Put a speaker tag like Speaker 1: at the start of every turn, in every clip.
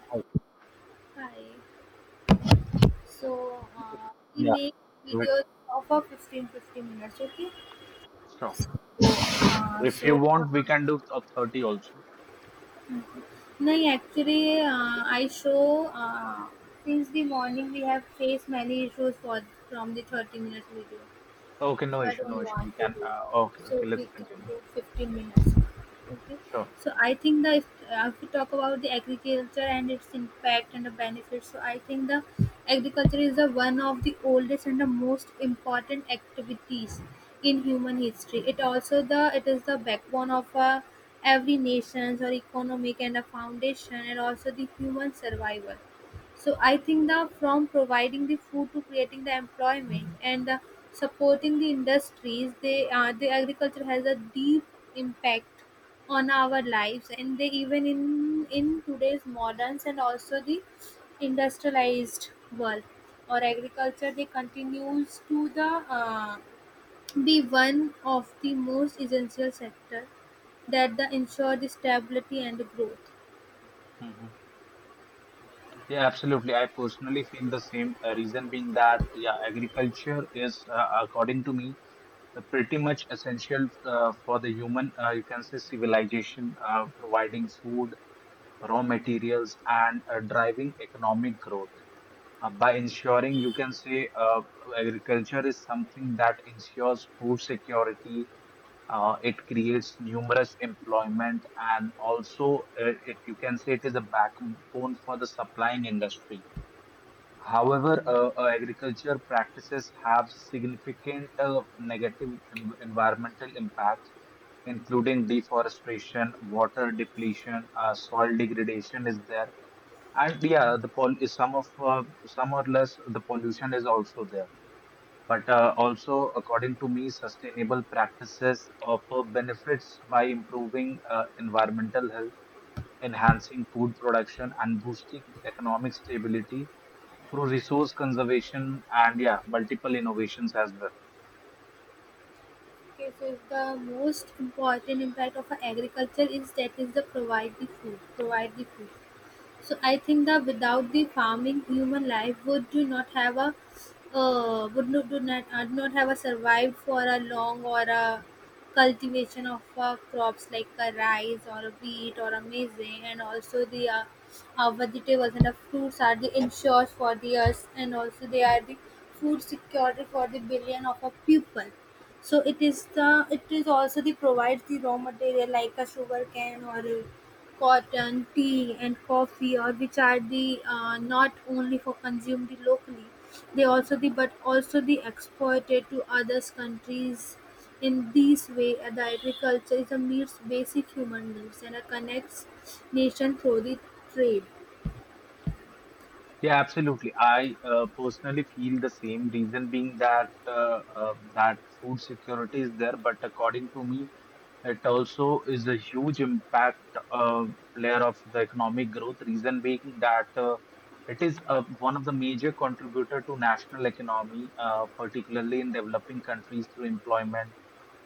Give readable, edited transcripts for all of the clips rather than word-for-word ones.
Speaker 1: I-
Speaker 2: Hi. So uh, we
Speaker 1: Yeah,
Speaker 2: make
Speaker 1: correct.
Speaker 2: videos of a 15-15 minutes, okay?
Speaker 1: Sure.
Speaker 2: Uh,
Speaker 1: If you
Speaker 2: so uh,
Speaker 1: want, we can do top 30 also.
Speaker 2: no, actually, I show since the morning we have faced many issues for from the 30 minutes video.
Speaker 1: Okay, no
Speaker 2: So I
Speaker 1: issue, no
Speaker 2: don't
Speaker 1: issue. We
Speaker 2: want to
Speaker 1: can.
Speaker 2: do,
Speaker 1: Uh, okay,
Speaker 2: so
Speaker 1: okay,
Speaker 2: we
Speaker 1: let's
Speaker 2: can
Speaker 1: continue.
Speaker 2: do 15 minutes, okay.
Speaker 1: Sure.
Speaker 2: So I think that if we talk about the agriculture and its impact and the benefits, so I think the agriculture is the one of the oldest and the most important activities in human history. It also the it is the backbone of every nation's or economic and a foundation and also the human survival. So I think that from providing the food to creating the employment and supporting the industries, the agriculture has a deep impact on our lives, and they even in today's moderns and also the industrialized world or agriculture, they continues to the uh, be one of the most essential sector that the ensure the stability and the growth.
Speaker 1: hmm Yeah, absolutely. I personally feel the same. Reason being that, yeah, agriculture is, according to me, pretty much essential for the human, you can say, civilization, providing food, raw materials, and driving economic growth. By ensuring you can say agriculture is something that ensures food security. It creates numerous employment, and also it you can say it is a backbone for the supplying industry. However, agriculture practices have significant negative environmental impacts, including deforestation, water depletion, soil degradation is there, and yeah, the pol is some of some or less the pollution is also there. But also, according to me, sustainable practices offer benefits by improving environmental health, enhancing food production, and boosting economic stability through resource conservation and, yeah, multiple innovations as well.
Speaker 2: Okay, so the most important impact of agriculture is that is the provide the food, provide the food. So I think that without the farming, human life would do not have a would not do not, not have a survived for a long or a cultivation of crops like a rice or a wheat or a maize and also the vegetables and the fruits are the insures for the us and also they are the food security for the billion of a people. So it is the it is also the provides the raw material like a sugar cane or a cotton, tea and coffee or which are the not only for consumed locally, they also the but also the exported to others countries. In this way, the agriculture is a meets basic human needs and connects nation through the trade.
Speaker 1: Yeah, absolutely. I personally feel the same reason being that that food security is there, but according to me it also is a huge impact player of the economic growth, reason being that it is one of the major contributor to national economy, particularly in developing countries through employment,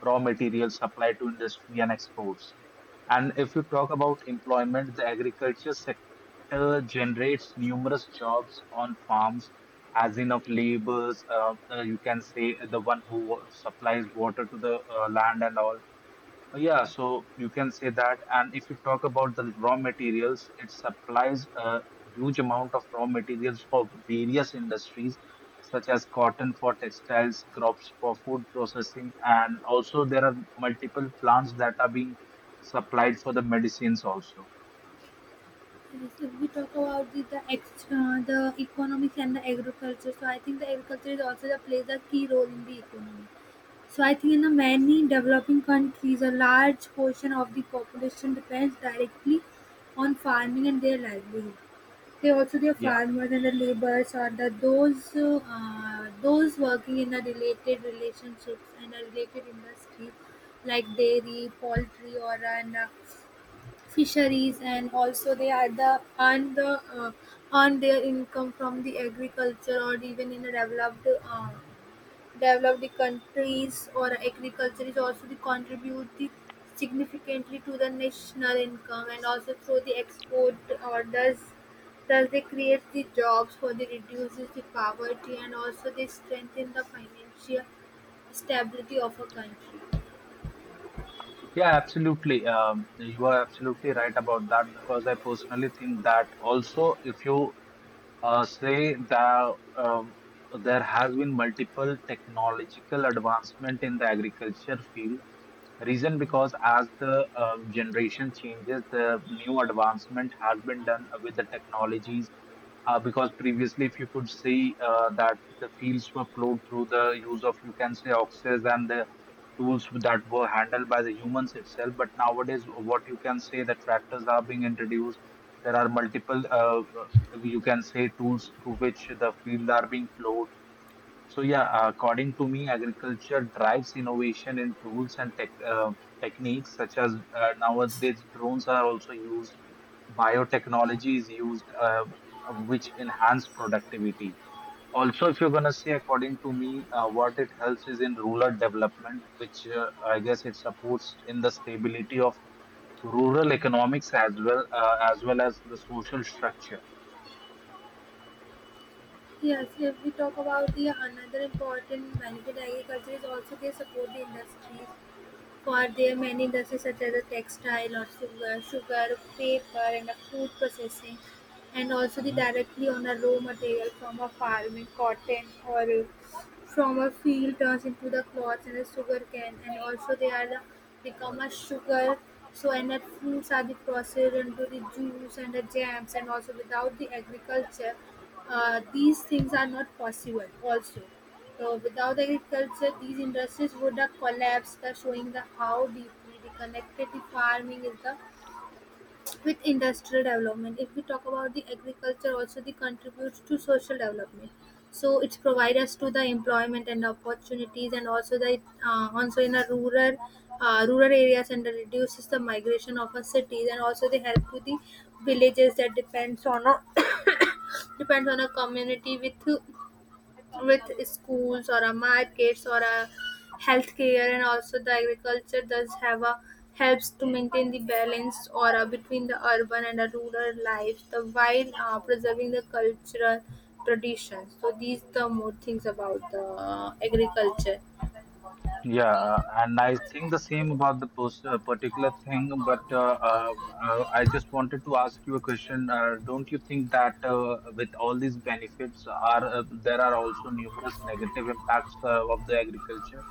Speaker 1: raw material supply to industry and exports. And if you talk about employment, the agriculture sector generates numerous jobs on farms, as in of laborers, you can say the one who supplies water to the land and all. Yeah, so you can say that. And if you talk about the raw materials, it supplies a huge amount of raw materials for various industries, such as cotton for textiles, crops for food processing, and also there are multiple plants that are being supplied for the medicines also.
Speaker 2: Yes, if we talk about the the economics and the agriculture, so I think the agriculture is also the plays a key role in the economy. So I think in the many developing countries, a large portion of the population depends directly on farming and their livelihood. They also their
Speaker 1: Yeah,
Speaker 2: farmers and the laborers or the those working in the related relationships and the related industries like dairy, poultry, or an fisheries and also they are the earn the earn their income from the agriculture or even in a developed countries or agriculture is also the contribute the significantly to the national income and also through the export or does they create the jobs for the reduces the poverty and also they strengthen the financial stability of a country.
Speaker 1: yeah, absolutely. You are absolutely right about that, because I personally think that also if you say that there has been multiple technological advancement in the agriculture field. Reason because as the generation changes, the new advancement has been done with the technologies. Because previously, if you could see that the fields were plowed through the use of, you can say, oxes and the tools that were handled by the humans itself. But nowadays, what you can say, the tractors are being introduced. There are multiple, you can say, tools through which the field are being plowed. So yeah, according to me, agriculture drives innovation in tools and tech, techniques such as nowadays drones are also used, biotechnology is used, which enhance productivity. Also, if you're gonna say, according to me, what it helps is in rural development, which I guess it supports in the stability of rural economics as well, as well as the social structure.
Speaker 2: Yes, if we talk about the another important benefit, agriculture is also they support the industries for their many industries such as the textile or sugar, paper and the food processing and also the
Speaker 1: Mm-hmm.
Speaker 2: directly on a raw material from a farming cotton or from a field turns into the cloth and the sugar cane and also they are the become a sugar so and the fruits are the processed into the juice and the jams and also without the agriculture these things are not possible also. So without agriculture, these industries would collapse, thus showing the how deeply the connected the farming is the with industrial development. If we talk about the agriculture, also the contributes to social development. So it's provide us to the employment and opportunities, and also the also in a rural areas and reduces the migration of a cities, and also they help to the villages that depends on a depends on a community with schools or a markets or a healthcare and also the agriculture does have a helps to maintain the balance or between the urban and the rural life the while preserving the cultural traditions so these the more things about the agriculture.
Speaker 1: Yeah, and I think the same about the particular thing, but I just wanted to ask you a question. Don't you think that with all these benefits are there are also numerous negative impacts of the agriculture?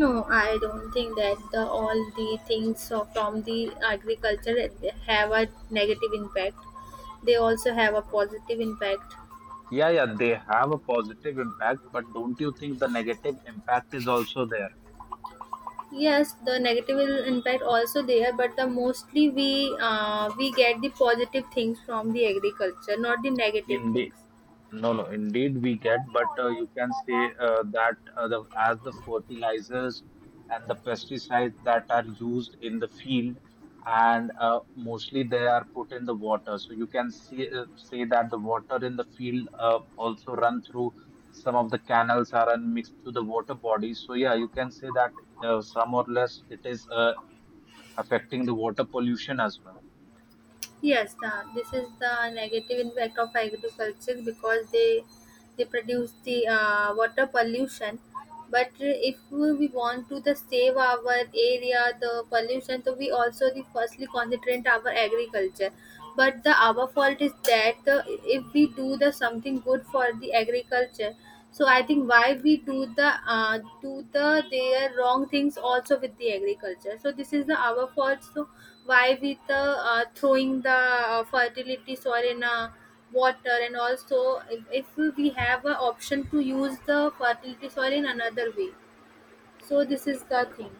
Speaker 2: No, I don't think that the all the things of- from the agriculture have a negative impact. They also have a
Speaker 1: Uh,
Speaker 2: positive impact.
Speaker 1: Yeah, yeah, they have a positive impact, but don't you think the negative impact is also there?
Speaker 2: Yes, the negative will impact also there but the mostly we get the positive things from the agriculture not the negative
Speaker 1: Indi
Speaker 2: things.
Speaker 1: No, no, indeed we get, but you can say that the, as the fertilizers and the pesticides that are used in the field, and mostly they are put in the water. So you can see, say that the water in the field also run through some of the canals are and mixed to the water bodies. So yeah, you can say that some or less it is affecting the water pollution as well.
Speaker 2: Yes, the, this is the negative impact of agriculture because they produce the water pollution but if we want to the save our area the pollution so we also the firstly concentrate our agriculture but the our fault is that the, if we do the something good for the agriculture. So I think why we do the their wrong things also with the agriculture. So this is the our fault. So why we the throwing the fertility soil in water and also if we have a option to use the fertility soil in another way. So this is the thing.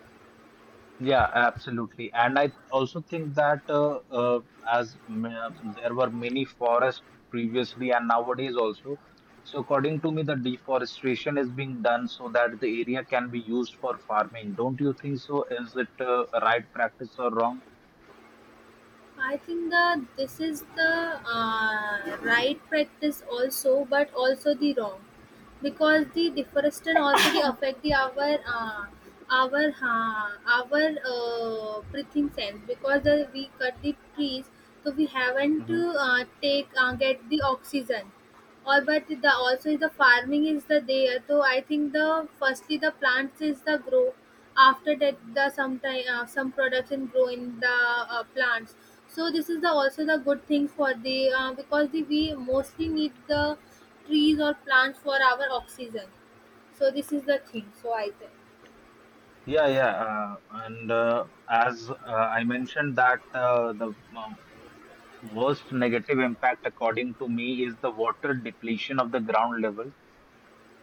Speaker 1: Yeah, absolutely. And I also think that as there were many forests previously and nowadays also, so according to me, the deforestation is being done so that the area can be used for farming. Don't you think so? Is it a right practice or wrong?
Speaker 2: I think that this is the right practice also, but also the wrong, because the deforestation already affect the our breathing sense because the, we cut the trees, so we haven't
Speaker 1: hmm
Speaker 2: to take get the oxygen. Or but the also the farming is the there. So I think the firstly the plants is the grow after that the sometime some production grow in the plants so this is the also the good thing for the because the, we mostly need the trees or plants for our oxygen so this is the thing so I think.
Speaker 1: Yeah, yeah. And as I mentioned that the worst negative impact, according to me, is the water depletion of the ground level.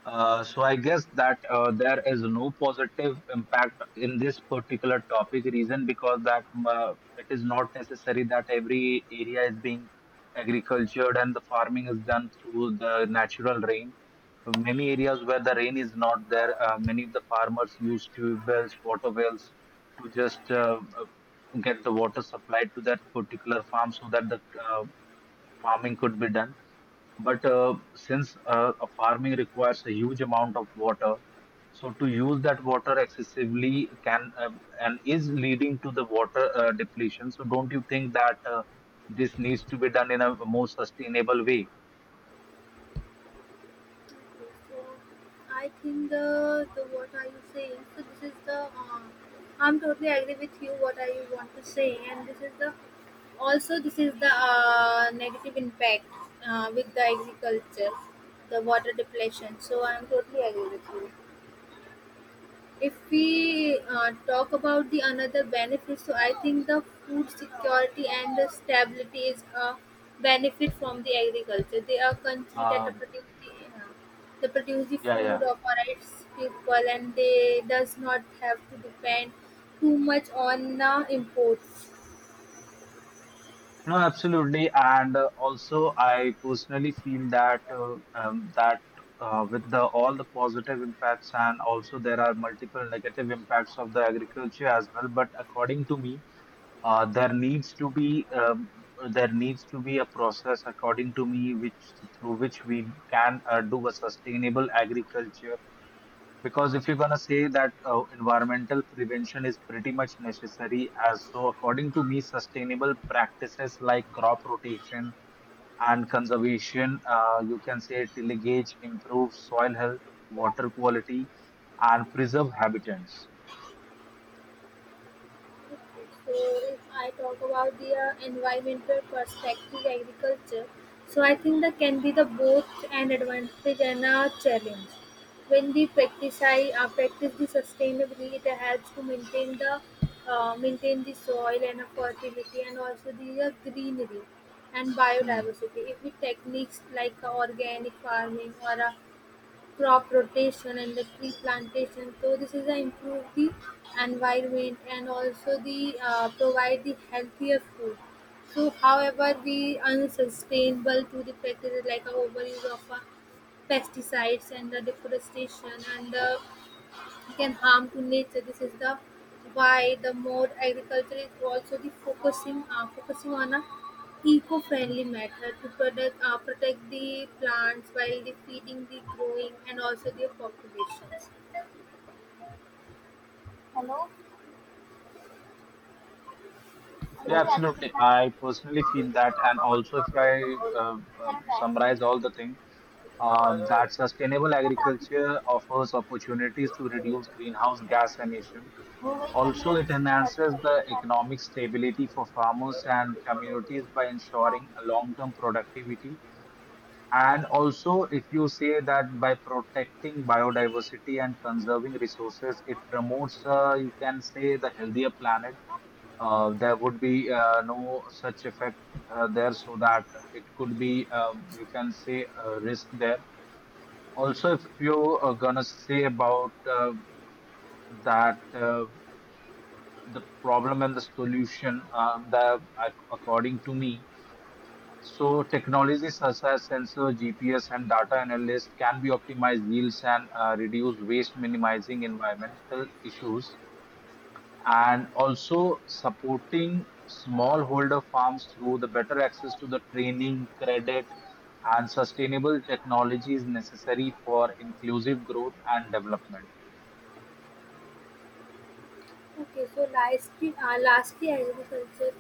Speaker 1: So I guess that there is no positive impact in this particular topic. Reason because that it is not necessary that every area is being agricultured and the farming is done through the natural rain. Many areas where the rain is not there, many of the farmers use tube wells, water wells to just get the water supplied to that particular farm so that the farming could be done. But since a farming requires a huge amount of water, so to use that water excessively can and is leading to the water depletion. So don't you think that this needs to be done in a more sustainable way?
Speaker 2: So I think the what are you saying? So this is the I'm totally agree with you what I want to say, and this is the also this is the negative impact with the agriculture, the water depletion. So I'm totally agree with you. If we talk about the another benefit, so I think the food security and the stability is a benefit from the agriculture. They are country that are
Speaker 1: Um,
Speaker 2: produce the, they produce the
Speaker 1: yeah, yeah.
Speaker 2: food of for its people, and they does not have to depend too much on the imports.
Speaker 1: No, absolutely. And also, I personally feel that that with the all the positive impacts and also there are multiple negative impacts of the agriculture as well. But according to me, uh, there needs to be um, there needs to be a process according to me which through which we can do a sustainable agriculture, because if you're going to say that environmental prevention is pretty much necessary. As so according to me, sustainable practices like crop rotation and conservation, you can say, tillage improves soil health, water quality, and preserve habitats.
Speaker 2: So if I talk about the environmental perspective agriculture, so I think that can be the both an advantage and a challenge. When we practice I practice the sustainably, it helps to maintain the soil and a fertility and also the greenery and
Speaker 1: Hmm.
Speaker 2: biodiversity. If we techniques like organic farming or crop rotation and the tree plantation so this is a improve the environment and also the provide the healthier food so however we unsustainable to the practice like a overuse of pesticides and the deforestation and the can harm to nature. This is the why the more agriculture is also the focusing focusing on a eco-friendly method to protect protect the plants while the feeding the growing and also their populations. Hello हमारी
Speaker 1: Yeah,
Speaker 2: So रात की
Speaker 1: absolutely.
Speaker 2: कितना
Speaker 1: I personally feel that, and also if I
Speaker 2: time है
Speaker 1: summarize all the things, that sustainable
Speaker 2: पता
Speaker 1: agriculture offers opportunities to reduce greenhouse gas emission.
Speaker 2: हो गई पंद्रह
Speaker 1: Also, it
Speaker 2: minute बात
Speaker 1: enhances
Speaker 2: कर रही
Speaker 1: the
Speaker 2: है,
Speaker 1: economic stability for farmers and communities by
Speaker 2: हाँ.
Speaker 1: ensuring a long-term productivity. And also, if you say that by protecting biodiversity and conserving resources, it promotes, you can say, the healthier planet. There would be no such effect there, so that it could be, you can say, a risk there. Also, if you are gonna say about that the problem and the solution, according to me, so technologies such as sensor GPS and data analysts can be optimized yields and reduce waste, minimizing environmental issues, and also supporting smallholder farms through the better access to the training, credit, and sustainable technology is necessary for inclusive growth and development.
Speaker 2: Okay, so lastly, lastly agriculture